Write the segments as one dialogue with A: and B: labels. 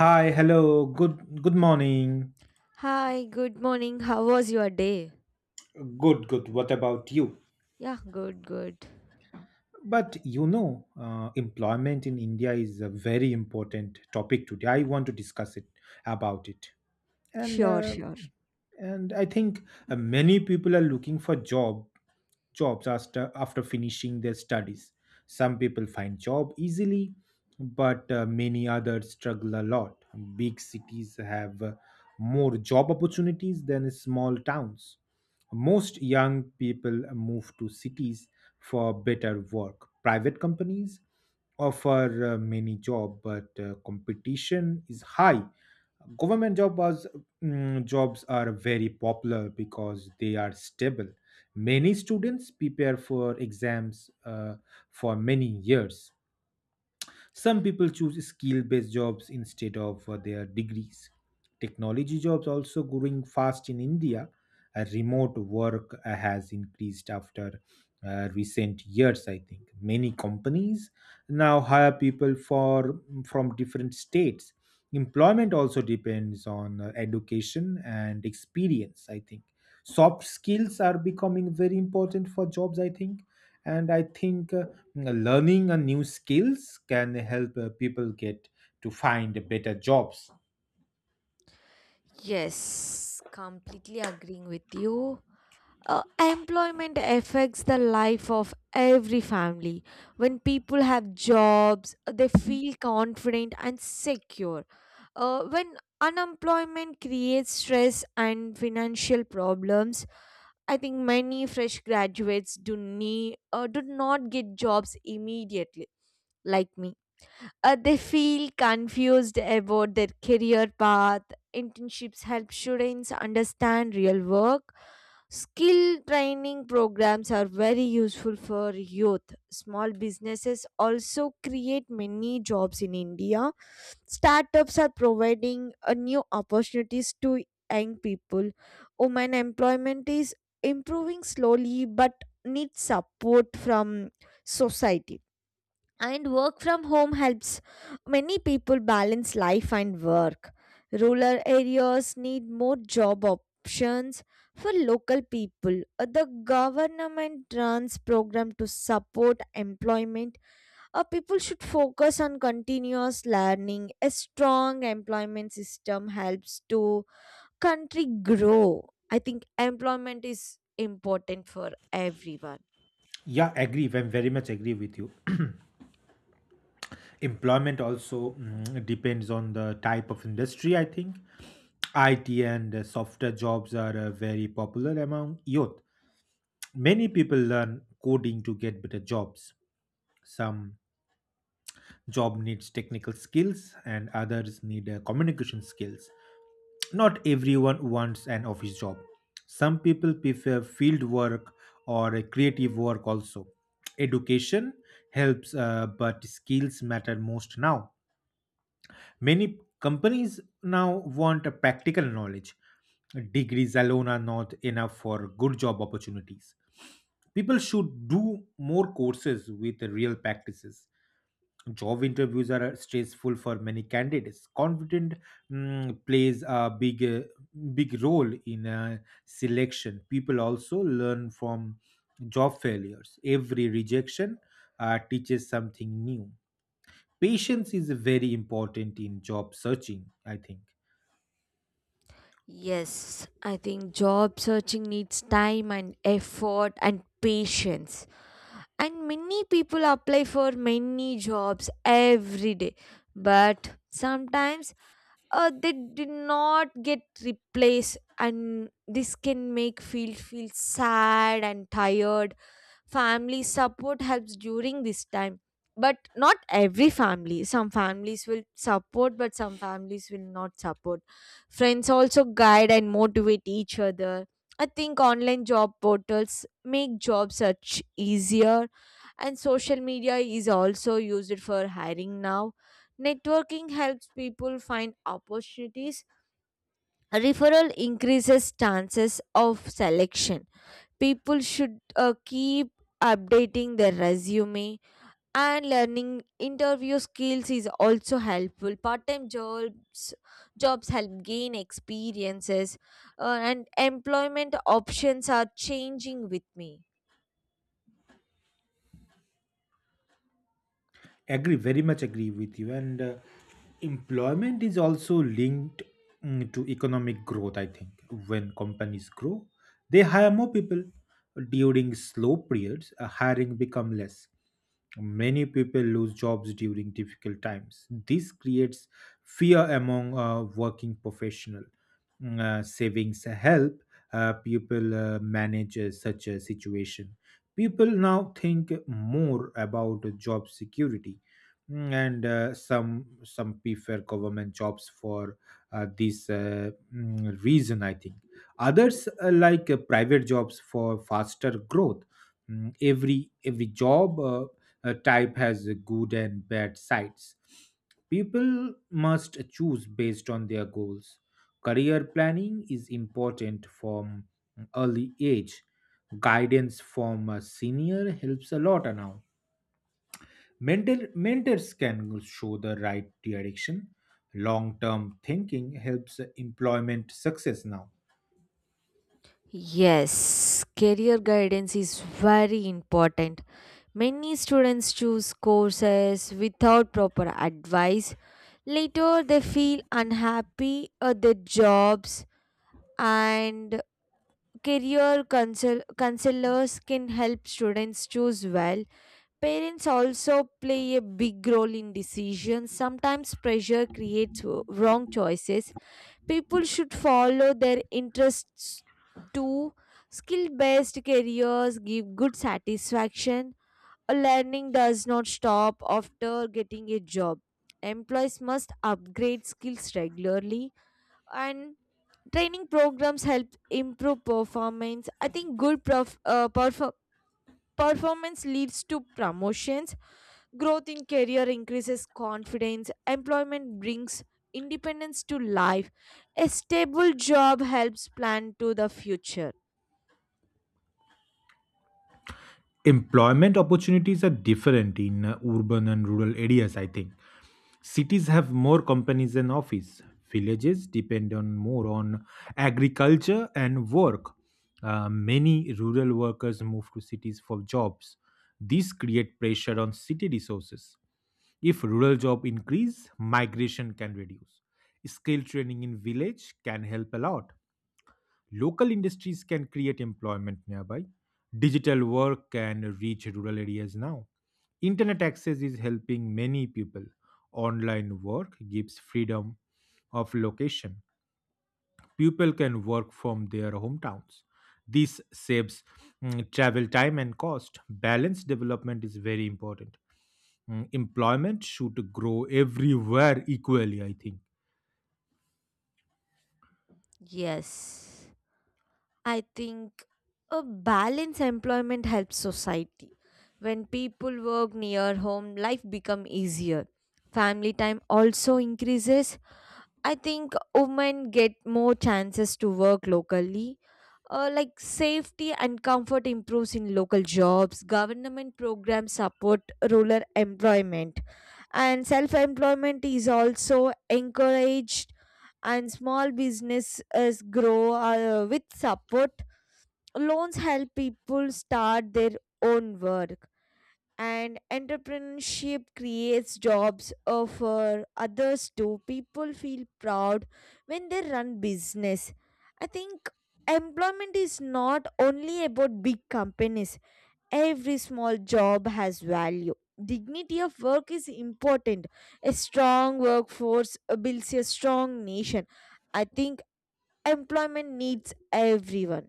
A: Hi, hello, good morning.
B: Hi, good morning. How was your day?
A: Good, good. What about you?
B: Yeah, good, good.
A: But you know, employment in India is a very important topic today. I want to discuss it about it. and
B: Sure,
A: uh,
B: sure.
A: and I think many people are looking for jobs after finishing their studies. Some people find job easily, but many others struggle a lot. Big cities have more job opportunities than small towns. Most young people move to cities for better work. Private companies offer many job, but competition is high. Government jobs are very popular because they are stable. Many students prepare for exams for many years. Some people choose skill based jobs instead of their degrees. Technology jobs also growing fast in India. Remote work has increased after recent years, I think. Many companies now hire people for from different states. Employment also depends on education and experience, I think. Soft skills are becoming very important for jobs, I think. And i think uh, learning a new skills can help people get to find better jobs.
B: Yes, completely agreeing with you. Employment affects the life of every family. When people have jobs, they feel confident and secure. When unemployment creates stress and financial problems, I think many fresh graduates do not get jobs immediately, like me. They feel confused about their career path. Internships help students understand real work. Skill training programs are very useful for youth. Small businesses also create many jobs in India. Startups are providing new opportunities to young people. Women employment is improving slowly but needs support from society, and work from home helps many people balance life and work. Rural areas need more job options for local people. The government runs program to support employment. People should focus on continuous learning. A strong employment system helps to country grow. I think employment is important for everyone.
A: Yeah, agree, I very much agree with you. Employment also depends on the type of industry, I think. It and Software jobs are very popular among youth. Many people learn coding to get better jobs. Some job needs technical skills, and others need communication skills. Not everyone wants an office job. Some people prefer field work or a creative work also. Education helps, but skills matter most now. Many companies now want a practical knowledge. Degrees alone are not enough for good job opportunities. People should do more courses with real practices. Job interviews are stressful for many candidates. Confident plays a big role in selection. People also learn from job failures. Every rejection teaches something new. Patience is very important in job searching, I think.
B: Yes, I think job searching needs time and effort and patience. And many people apply for many jobs every day. But sometimes they did not get replaced, and this can make field feel sad and tired. Family support helps during this time, but not every family. Some families will support, but some families will not support. Friends also guide and motivate each other. I think online job portals make job search easier, and social media is also used for hiring now. Networking helps people find opportunities. A referral increases chances of selection. People should keep updating their resume, and learning interview skills is also helpful. Part-time jobs help gain experiences, and employment options are changing with me.
A: Agree, very much agree with you. And employment is also linked to economic growth, I think. When companies grow, they hire more people. During slow periods, hiring become less. Many people lose jobs during difficult times. This creates fear among working professional. Savings help people manage such a situation. People now think more about job security. Mm, and Some prefer government jobs for reason, I think. Others like private jobs for faster growth. Every job type has a good and bad sides. People must choose based on their goals. Career planning is important from early age. Guidance from a senior helps a lot now. Mentors can show the right direction. Long term thinking helps employment success now.
B: Yes, career guidance is very important. Many students choose courses without proper advice. Later, they feel unhappy at their jobs, and career counselors can help students choose well. Parents also play a big role in decisions. Sometimes pressure creates wrong choices. People should follow their interests too. Skill based careers give good satisfaction. A learning does not stop after getting a job. Employees must upgrade skills regularly, and training programs help improve performance. I think good performance leads to promotions. Growth in career increases confidence. Employment brings independence to life. A stable job helps plan to the future.
A: Employment opportunities are different in urban and rural areas, I think. Cities have more companies and office. Villages depend on more on agriculture and work. Many rural workers move to cities for jobs. This create pressure on city resources. If rural job increase, migration can reduce. Skill training in village can help a lot. Local industries can create employment nearby. Digital work can reach rural areas now. Internet access is helping many people. Online work gives freedom of location. People can work from their hometowns. This saves travel time and cost. Balanced development is very important. Employment should grow everywhere equally, I think.
B: Yes, I think a balanced employment helps society. When people work near home, life become easier. Family time also increases. I think women get more chances to work locally. Like safety and comfort improves in local jobs. Government programs support rural employment, and self-employment is also encouraged. And small businesses grow with support. Loans help people start their own work, and entrepreneurship creates jobs for others too. People feel proud when they run business. I think employment is not only about big companies. Every small job has value. Dignity of work is important. A strong workforce builds a strong nation. I think employment needs everyone.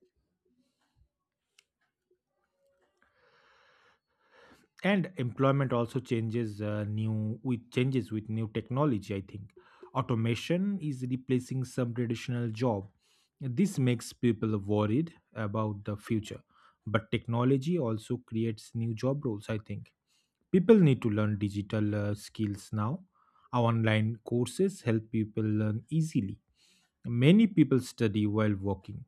A: And employment also changes new with changes with new technology, I think. Automation is replacing some traditional job. This makes people worried about the future, but technology also creates new job roles, I think. People need to learn digital skills now. Our online courses help people learn easily. Many people study while working.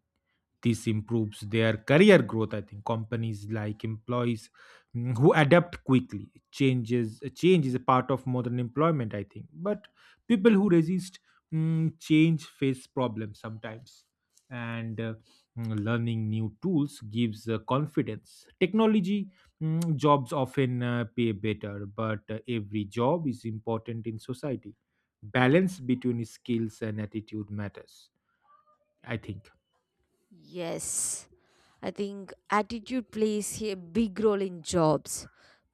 A: This improves their career growth, I think. Companies like employees who adapt quickly Change is a part of modern employment, I think, but people who resist change face problems sometimes. and uh, Learning new tools gives confidence. Technology jobs often pay better, but every job is important in society. Balance between skills and attitude matters, I think.
B: Yes. I think attitude plays a big role in jobs.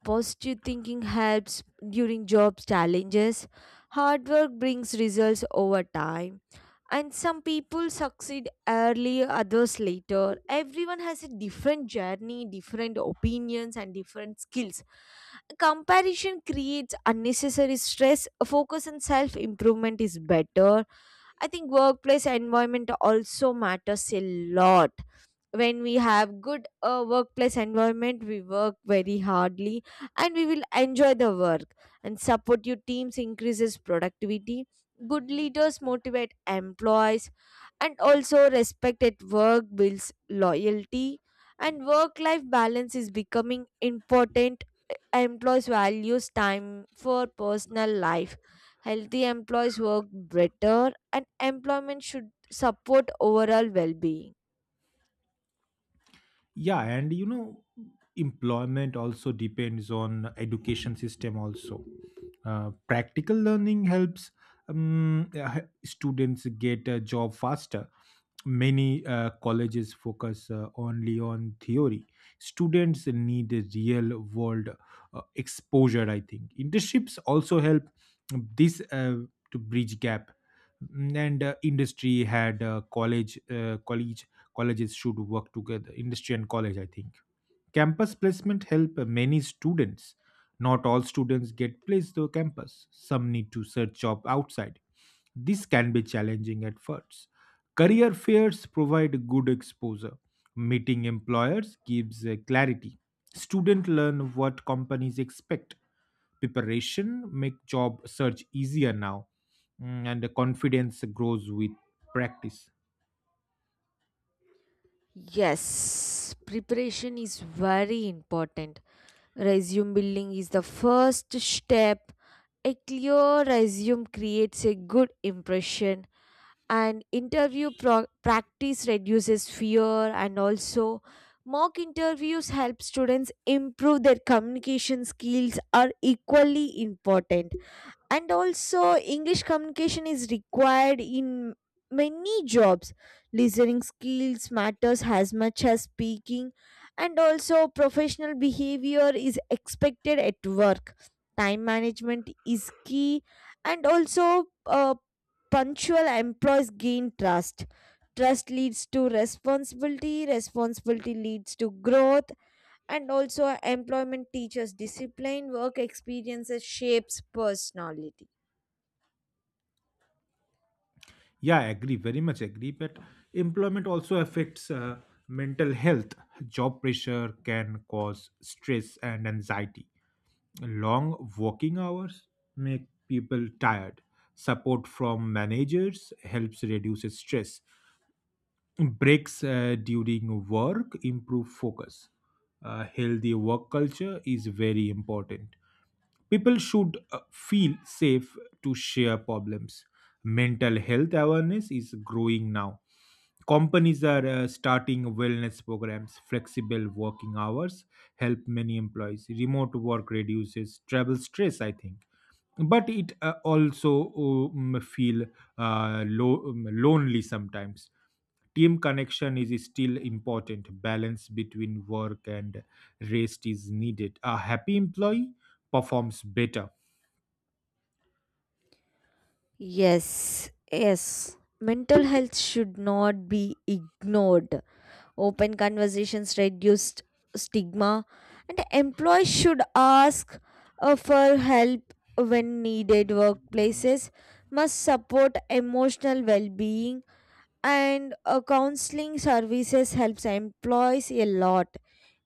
B: Positive thinking helps during job challenges. Hard work brings results over time. And some people succeed early, others later. Everyone has a different journey, different opinions, and different skills. Comparison creates unnecessary stress. Focus on self improvement is better. I think workplace environment also matters a lot. When we have good workplace environment, we work very hardly, and we will enjoy the work, and support your teams increases productivity. Good leaders motivate employees, and also respect at work builds loyalty, and work life balance is becoming important. Employees values time for personal life. Healthy employees work better, and employment should support overall well-being.
A: Yeah, and you know, employment also depends on education system also. Practical learning helps students get a job faster. Many colleges focus only on theory. Students need a real world exposure, I think. Internships also help this to bridge gap. Mm, and industry had college college Colleges should work together, industry and college, I think. Campus placement help many students. Not all students get placed to campus. Some need to search job outside. This can be challenging at first. Career fairs provide good exposure. Meeting employers gives clarity. Students learn what companies expect. Preparation make job search easier now. And the confidence grows with practice.
B: Yes, preparation is very important. Resume building is the first step. A clear resume creates a good impression, and interview practice reduces fear, and also, mock interviews help students improve. Their communication skills are equally important, and also English communication is required in many jobs. Listening skills matters as much as speaking, and also professional behavior is expected at work. Time management is key, and also punctual employees gain trust. Trust leads to responsibility. Responsibility leads to growth, and also employment teaches discipline. Work experiences shapes personality.
A: Yeah, I agree, very much agree. But employment also affects mental health. Job pressure can cause stress and anxiety. Long working hours make people tired. Support from managers helps reduce stress. Breaks during work improve focus. A healthy work culture is very important. People should feel safe to share problems. Mental health awareness is growing now. Companies are starting wellness programs. Flexible working hours help many employees. Remote work reduces travel stress, I think, but it also feel lonely sometimes. Team connection is still important. Balance between work and rest is needed. A happy employee performs better.
B: Yes, yes. Mental health should not be ignored. Open conversations reduce stigma, and employees should ask for help when needed. Workplaces must support emotional well being, and counseling services helps employees a lot.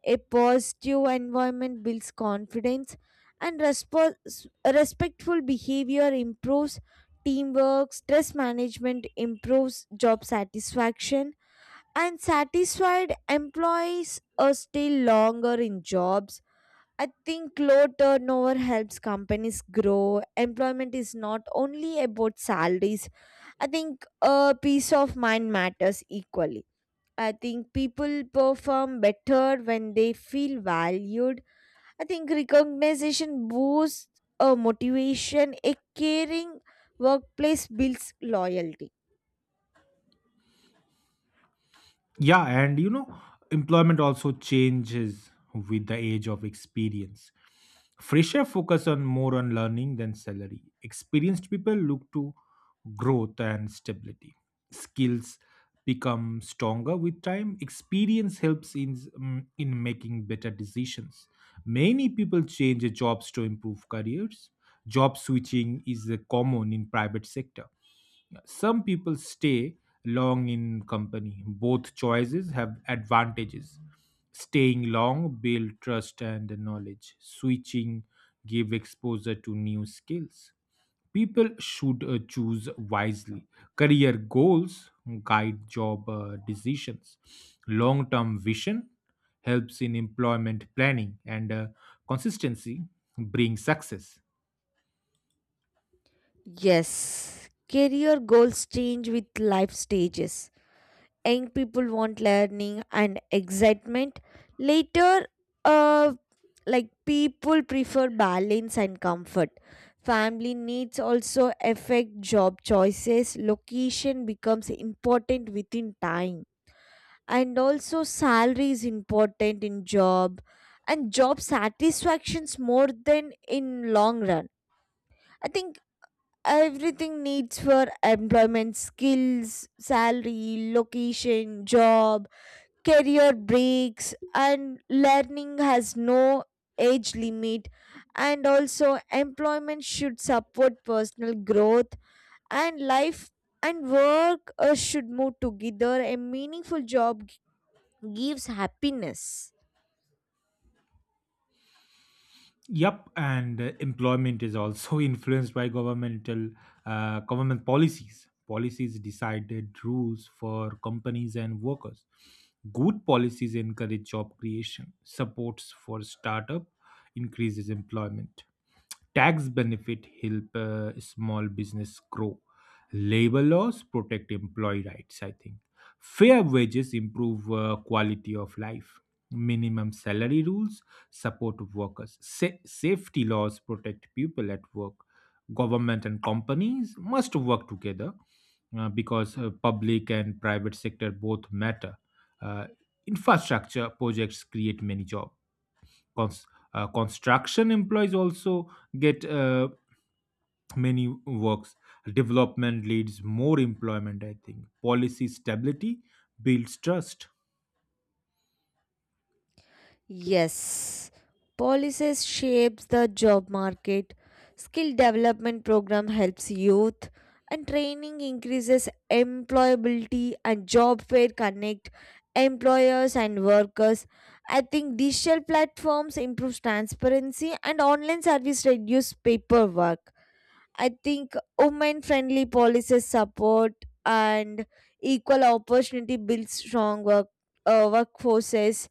B: A positive environment builds confidence, and respectful behavior improves teamwork. Stress management improves job satisfaction, and satisfied employees are still longer in jobs. I think low turnover helps companies grow. Employment is not only about salaries. I think peace of mind matters equally. I think people perform better when they feel valued. I think recognition boosts a motivation. A caring workplace builds loyalty.
A: Yeah, and you know, employment also changes with the age of experience. Fresher focus on more on learning than salary. Experienced people look to growth and stability. Skills become stronger with time. Experience helps in making better decisions. Many people change jobs to improve careers. Job switching is common in private sector. Some people stay long in company. Both choices have advantages. Staying long build trust and knowledge. Switching give exposure to new skills. People should choose wisely. Career goals guide job decisions. Long-term vision helps in employment planning, and consistency brings success.
B: Yes, career goals change with life stages. Young people want learning and excitement. Later, uh, like people prefer balance and comfort. Family needs also affect job choices. Location becomes important within time, and also salary is important in job, and job satisfactions more than in long run. I think everything needs for employment: skills, salary, location, job. Career breaks and learning has no age limit, and also employment should support personal growth, and life and work should move together. A meaningful job gives happiness.
A: Yep, and employment is also influenced by government policies. Policies decided rules for companies and workers. Good policies encourage job creation. Supports for startup increases employment. Tax benefit help small business grow. Labor laws protect employee rights. I think fair wages improve quality of life. Minimum salary rules support workers. Safety laws protect people at work. Government and companies must work together, because public and private sector both matter. Uh, Infrastructure projects create many jobs. Cons- Construction employees also get many works. Development leads more employment, I think. Policy stability builds trust.
B: Yes, policies shapes the job market. Skill development program helps youth, and training increases employability, and job fair connect employers and workers. I think digital platforms improves transparency, and online service reduce paperwork. I think women friendly policies support, and equal opportunity builds strong workforces,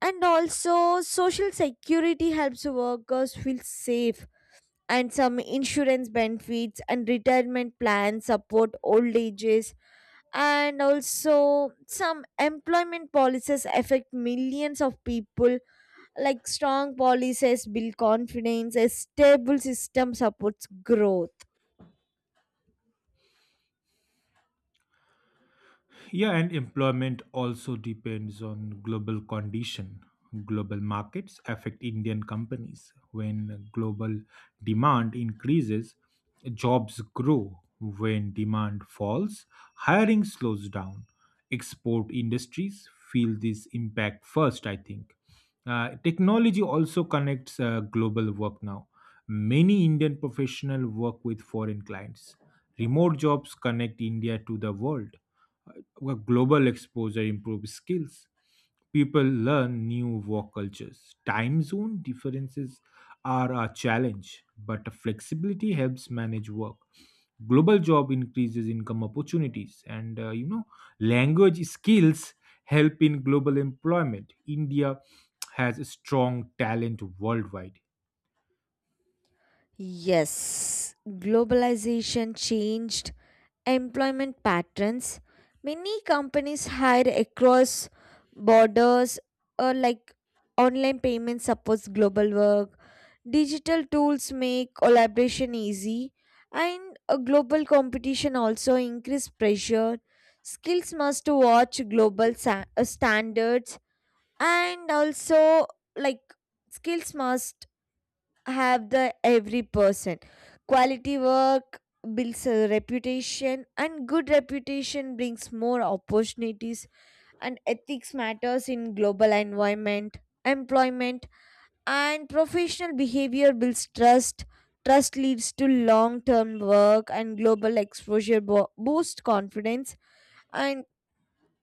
B: and also, social security helps workers feel safe, and some insurance benefits and retirement plans support old ages. And also, some employment policies affect millions of people. Like strong policies build confidence, a stable system supports growth.
A: Yeah, and employment also depends on global condition. Global markets affect Indian companies. When global demand increases, jobs grow. When demand falls, hiring slows down. Export industries feel this impact first, I think. Technology also connects global work now. Many Indian professionals work with foreign clients. Remote jobs connect India to the world. Well, global exposure improves skills. People learn new work cultures. Time zone differences are a challenge, but flexibility helps manage work. Global job increases income opportunities, and you know, language skills help in global employment. India has a strong talent worldwide.
B: Yes, globalization changed employment patterns. Many companies hire across borders, or like online payments supports global work. Digital tools make collaboration easy, and a global competition also increase pressure. Skills must watch global standards, and also, like, skills must have the every person. Quality work builds a reputation, and good reputation brings more opportunities. And ethics matters in global environment, employment, and professional behavior builds trust. Trust leads to long-term work, and global exposure boosts confidence. And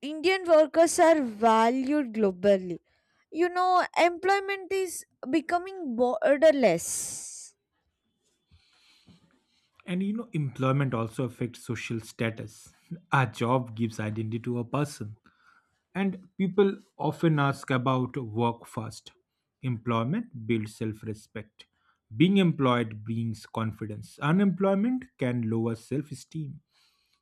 B: Indian workers are valued globally. Employment is becoming borderless.
A: And you know, employment also affects social status. A job gives identity to a person. And people often ask about work first. Employment builds self respect. Being employed brings confidence. Unemployment can lower self esteem.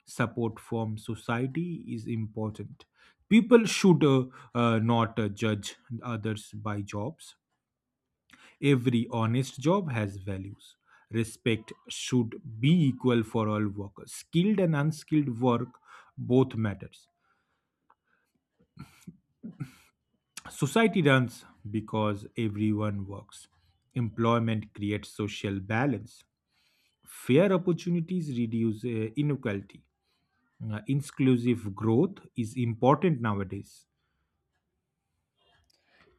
A: Support from society is important. People should not judge others by jobs. Every honest job has values. Respect should be equal for all workers. Skilled and unskilled work both matters. Society runs because everyone works. Employment creates social balance. Fair opportunities reduce inequality. Inclusive growth is important nowadays.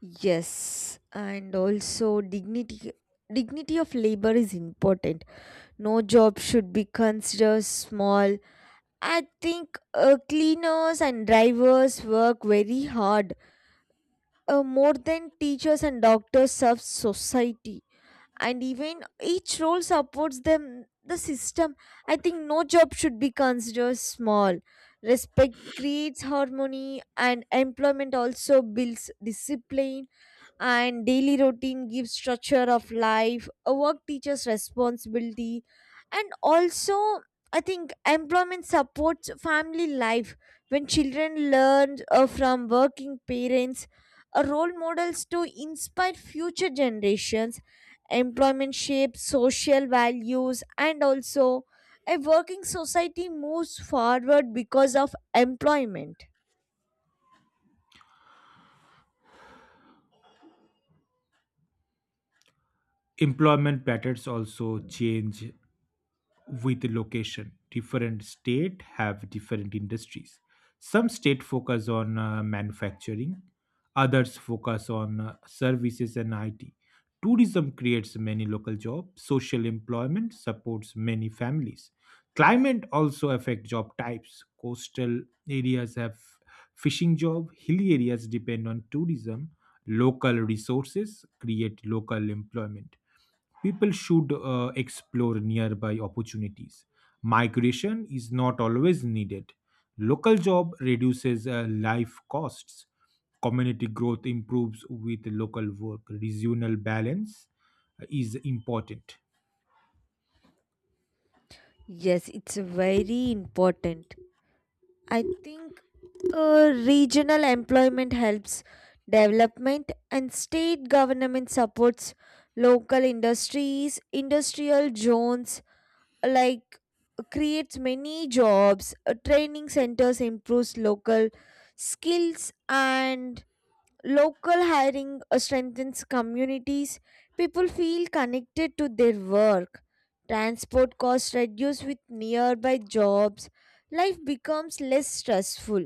B: Yes, and also dignity of labor is important. No job should be considered small. I think cleaners and drivers work very hard, more than teachers and doctors serve society. And even each role supports them the system. I think no job should be considered small. Respect creates harmony, and employment also builds discipline, and daily routine gives structure of life. A work teaches responsibility, and also I think employment supports family life when children learn from working parents, role models to inspire future generations. Employment shapes social values, and also a working society moves forward because of employment.
A: Employment patterns also change with the location. Different state have different industries. Some state focus on manufacturing, others focus on services and IT. Tourism creates many local jobs. Social employment supports many families. Climate also affect job types. Coastal areas have fishing job. Hilly areas depend on tourism. Local resources create local employment. People should explore nearby opportunities. Migration is not always needed. Local job reduces life costs. Community growth improves with local work. Regional balance is important.
B: Yes, it's very important. I think regional employment helps development, and state government supports local industries. Industrial zones like creates many jobs, training centers improves local skills, and local hiring strengthens communities. People feel connected to their work. Transport costs reduce with nearby jobs. Life becomes less stressful.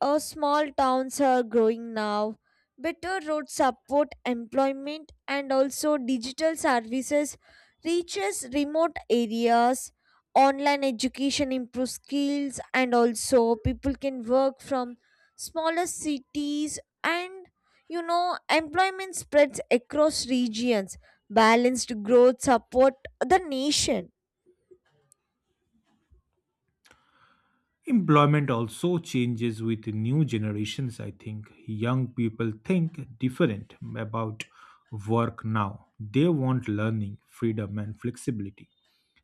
B: Small towns are growing now. Better roads support employment, and also digital services reaches remote areas. Online education improves skills, and also people can work from smaller cities, and employment spreads across regions. Balanced growth support the nation.
A: Employment also changes with new generations, I think. Young people think different about work now. They want learning, freedom, and flexibility.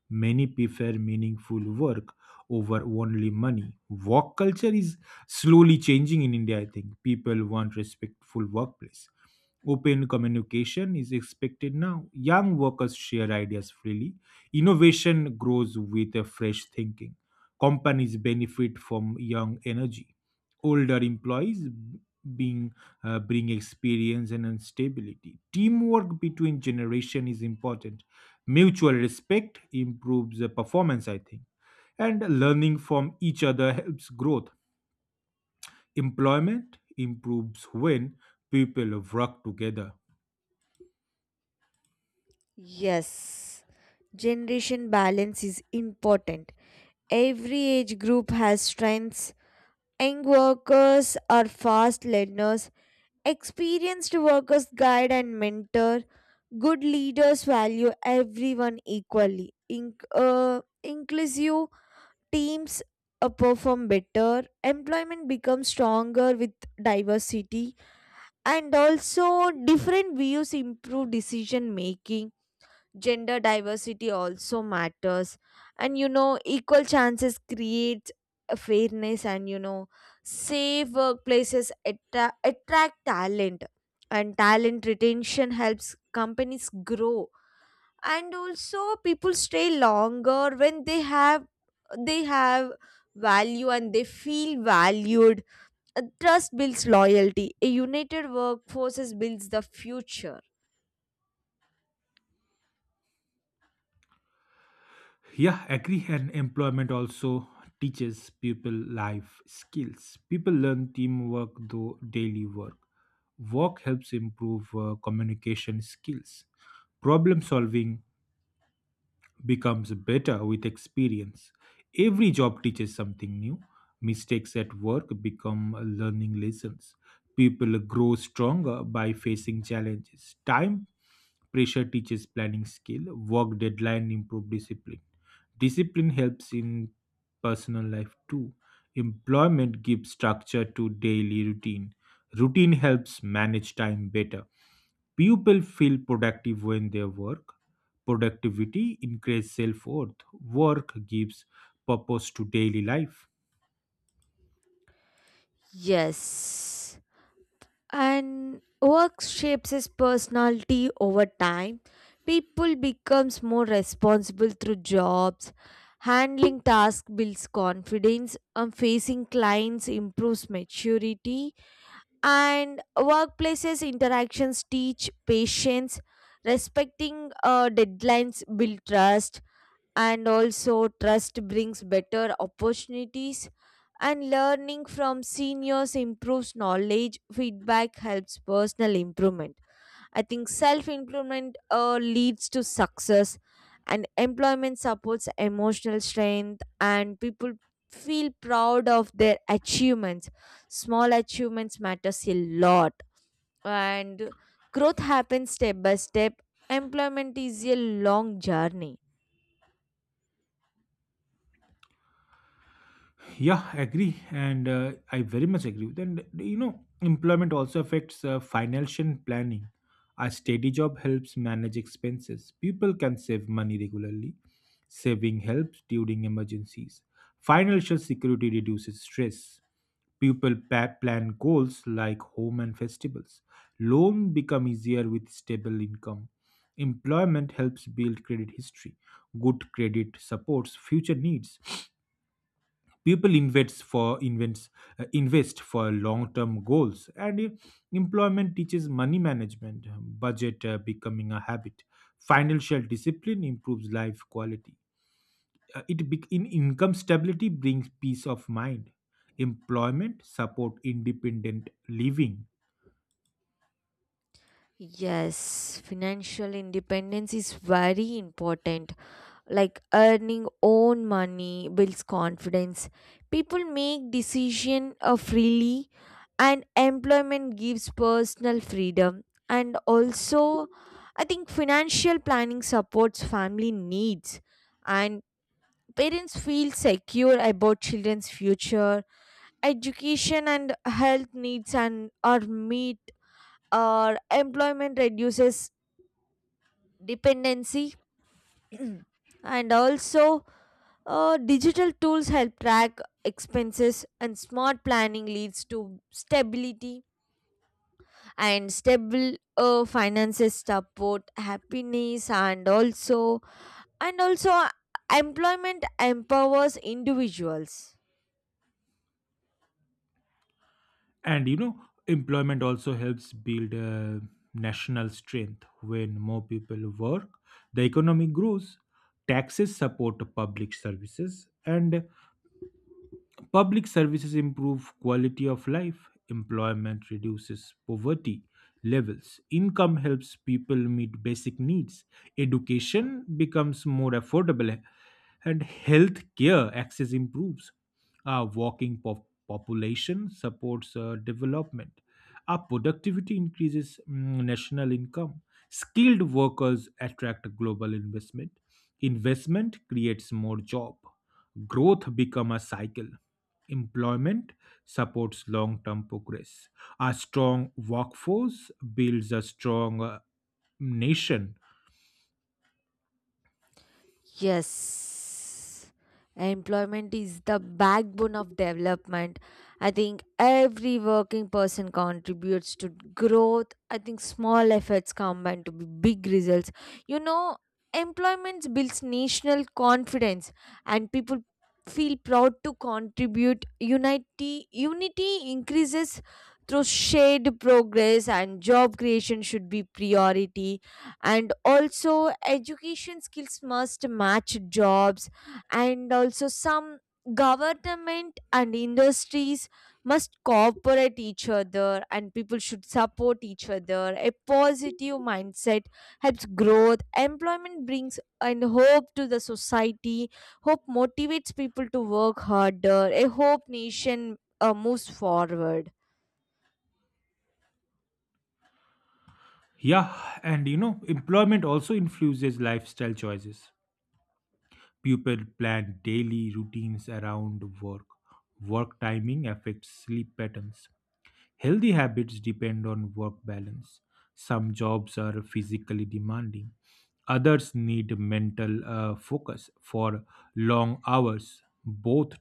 A: Many prefer meaningful work over only money. Work culture is slowly changing in India, I think. People want respectful workplace. Open communication is expected now. Young workers share ideas freely. Innovation grows with a fresh thinking. Companies benefit from young energy. Older employees being bring experience and stability. Teamwork between generation is important, mutual respect improves the performance, I think, and learning from each other helps growth. Employment improves when people work together.
B: Yes, generation balance is important. Every age group has strengths. Young workers are fast learners. Experienced workers guide and mentor. Good leaders value everyone equally. Inclusive teams perform better. Employment becomes stronger with diversity. And also, different views improve decision making. Gender diversity also matters, and equal chances creates a fairness, and safe workplaces attract talent, and talent retention helps companies grow, and also people stay longer when they have value, and they feel valued. Trust builds loyalty. A united workforce builds the future.
A: Yeah, agree, and employment also teaches people life skills. People learn teamwork through daily work. Work helps improve communication skills. Problem solving becomes better with experience. Every job teaches something new. Mistakes at work become learning lessons. People grow stronger by facing challenges. Time pressure teaches planning skill. Work deadline improve discipline. Discipline helps in personal life too. Employment gives structure to daily routine. Routine helps manage time better. People feel productive when they work. Productivity increases self worth. Work gives purpose to daily life.
B: Yes, and work shapes his personality over time. People becomes more responsible through jobs. Handling tasks builds confidence, and facing clients improves maturity, and workplaces interactions teach patience. Respecting deadlines build trust, and also trust brings better opportunities, and learning from seniors improves knowledge. Feedback helps personal improvement. I think self improvement leads to success, and employment supports emotional strength, and people feel proud of their achievements. Small achievements matters a lot, and growth happens step by step. Employment is a long journey.
A: Yeah, agree, and I very much agree. Then you know, employment also affects financial planning. A steady job helps manage expenses. People can save money regularly. Saving helps during emergencies. Financial security reduces stress. People plan goals like home and festivals. Loan become easier with stable income. Employment helps build credit history. Good credit supports future needs. People invest for long term goals, and employment teaches money management. Budget becoming a habit. Financial discipline improves life quality. It bec in Income stability brings peace of mind. Employment support independent living.
B: Yes, financial independence is very important. Like earning own money builds confidence. People make decision freely, and employment gives personal freedom. And also I think financial planning supports family needs, and parents feel secure about children's future. Education and health needs and are meet, or employment reduces dependency. And also, digital tools help track expenses, and smart planning leads to stability, and stable finances support happiness, and also and also uh, employment empowers individuals.
A: And you know, employment also helps build national strength. When more people work, the economy grows. Taxes support public services, and public services improve quality of life. Employment reduces poverty levels. Income helps people meet basic needs. Education becomes more affordable, and health care access improves. Our population supports development. Our productivity increases national income. Skilled workers attract global investment. Investment creates more job. Growth become a cycle. Employment supports long term progress. A strong workforce builds a strong nation.
B: Yes, employment is the backbone of development. I think every working person contributes to growth. I think small efforts combine to be big results. You know, employment builds national confidence, and people feel proud to contribute. Unity increases through shared progress, and job creation should be priority, and also education skills must match jobs, and also some government and industries must cooperate each other, and people should support each other. A positive mindset helps growth. Employment brings and hope to the society. Hope motivates people to work harder. A hope nation moves forward.
A: Yeah, and you know, employment also influences lifestyle choices. People plan daily routines around work. Work timing affects sleep patterns. Healthy habits depend on work balance. Some jobs are physically demanding, others need mental focus for long hours. Both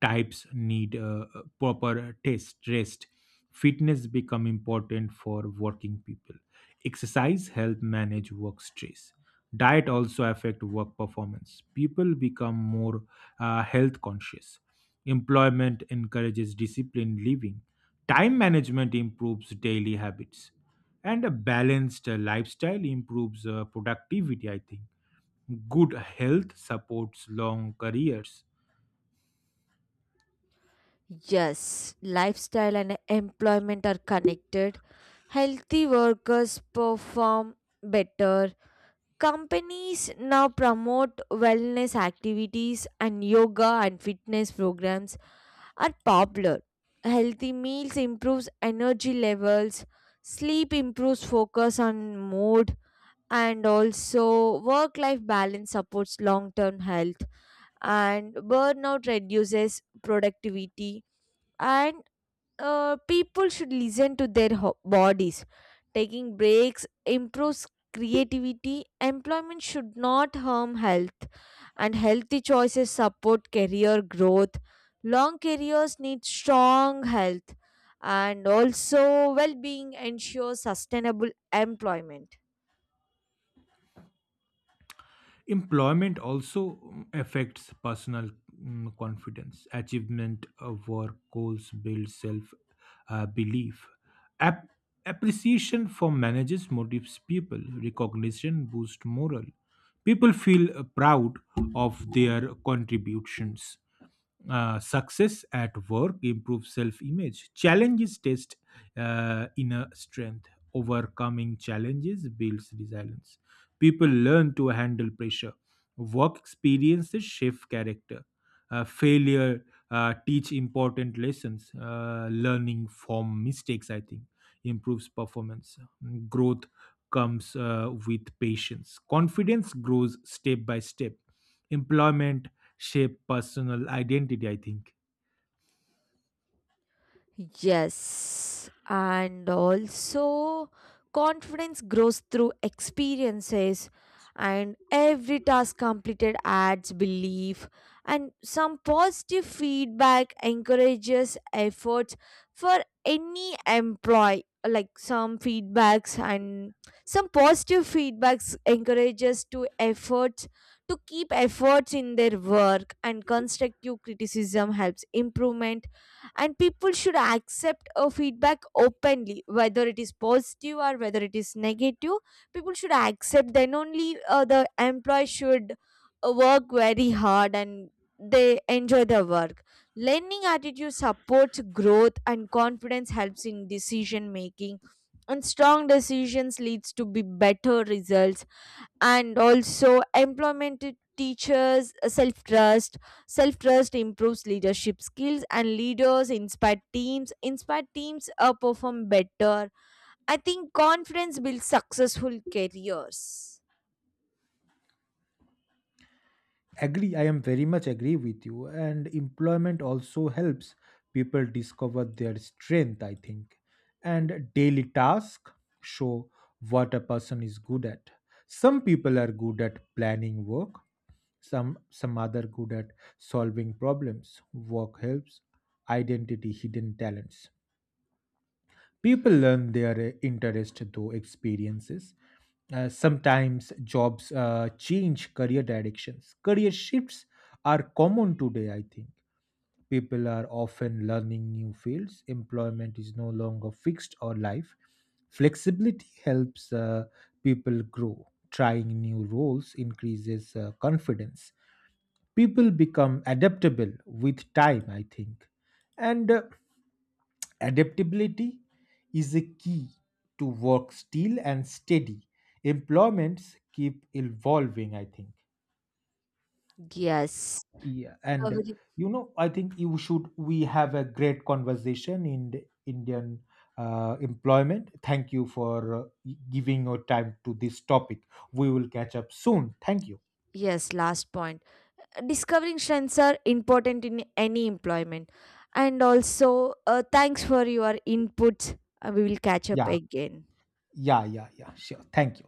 A: types need proper test rest. Fitness become important for working people. Exercise help manage work stress. Diet also affect work performance. People become more health conscious. Employment encourages disciplined living. Time management improves daily habits. And a balanced lifestyle improves productivity, I think. Good health supports long careers.
B: Yes, lifestyle and employment are connected. Healthy workers perform better. Companies now promote wellness activities, and yoga and fitness programs are popular. Healthy meals improves energy levels. Sleep improves focus on mood, and also work life balance supports long term health, and burnout reduces productivity, and people should listen to their bodies. Taking breaks improves creativity. Employment should not harm health, and healthy choices support career growth. Long careers need strong health, and also well being ensures sustainable employment.
A: Employment also affects personal confidence. Achievement of work goals builds self belief. Ap- Appreciation for managers motivates people. Recognition boosts morale. People feel proud of their contributions. Success at work improves self-image. Challenges test inner strength. Overcoming challenges builds resilience. People learn to handle pressure. Work experiences shape character. Failure teach important lessons. Learning from mistakes, I think, improves performance. Growth comes with patience. Confidence grows step by step. Employment shape personal identity, I think.
B: Yes, and also confidence grows through experiences, and every task completed adds belief, and some positive feedback encourages efforts for any employee. Like some feedbacks and some positive feedbacks encourages to efforts to keep efforts in their work, and constructive criticism helps improvement, and people should accept a feedback openly whether it is positive or whether it is negative. People should accept, then only the employee should work very hard, and they enjoy their work. Learning attitude supports growth, and confidence helps in decision making, and strong decisions leads to be better results, and also employment teachers self trust. Self trust improves leadership skills, and leaders inspire teams perform better. I think confidence builds successful careers.
A: Agree, I am very much agree with you. And employment also helps people discover their strength, I think. And daily tasks show what a person is good at. Some people are good at planning work, some other good at solving problems. Work helps identity hidden talents. People learn their interest through experiences. Sometimes jobs change career directions. Career shifts are common today, I think. People are often learning new fields. Employment is no longer fixed or life. Flexibility helps people grow. Trying new roles increases confidence. People become adaptable with time, I think. And Adaptability is a key to work still and steady. Employments keep evolving, I think.
B: Yes.
A: Yeah, and
B: Discovery-
A: you know, I think you should. We have a great conversation in the Indian employment. Thank you for giving your time to this topic. We will catch up soon. Thank you.
B: yes, last point, discovering strengths are important in any employment, and also thanks for your input. We will catch up
A: Yeah,
B: again.
A: yeah. Sure. Thank you.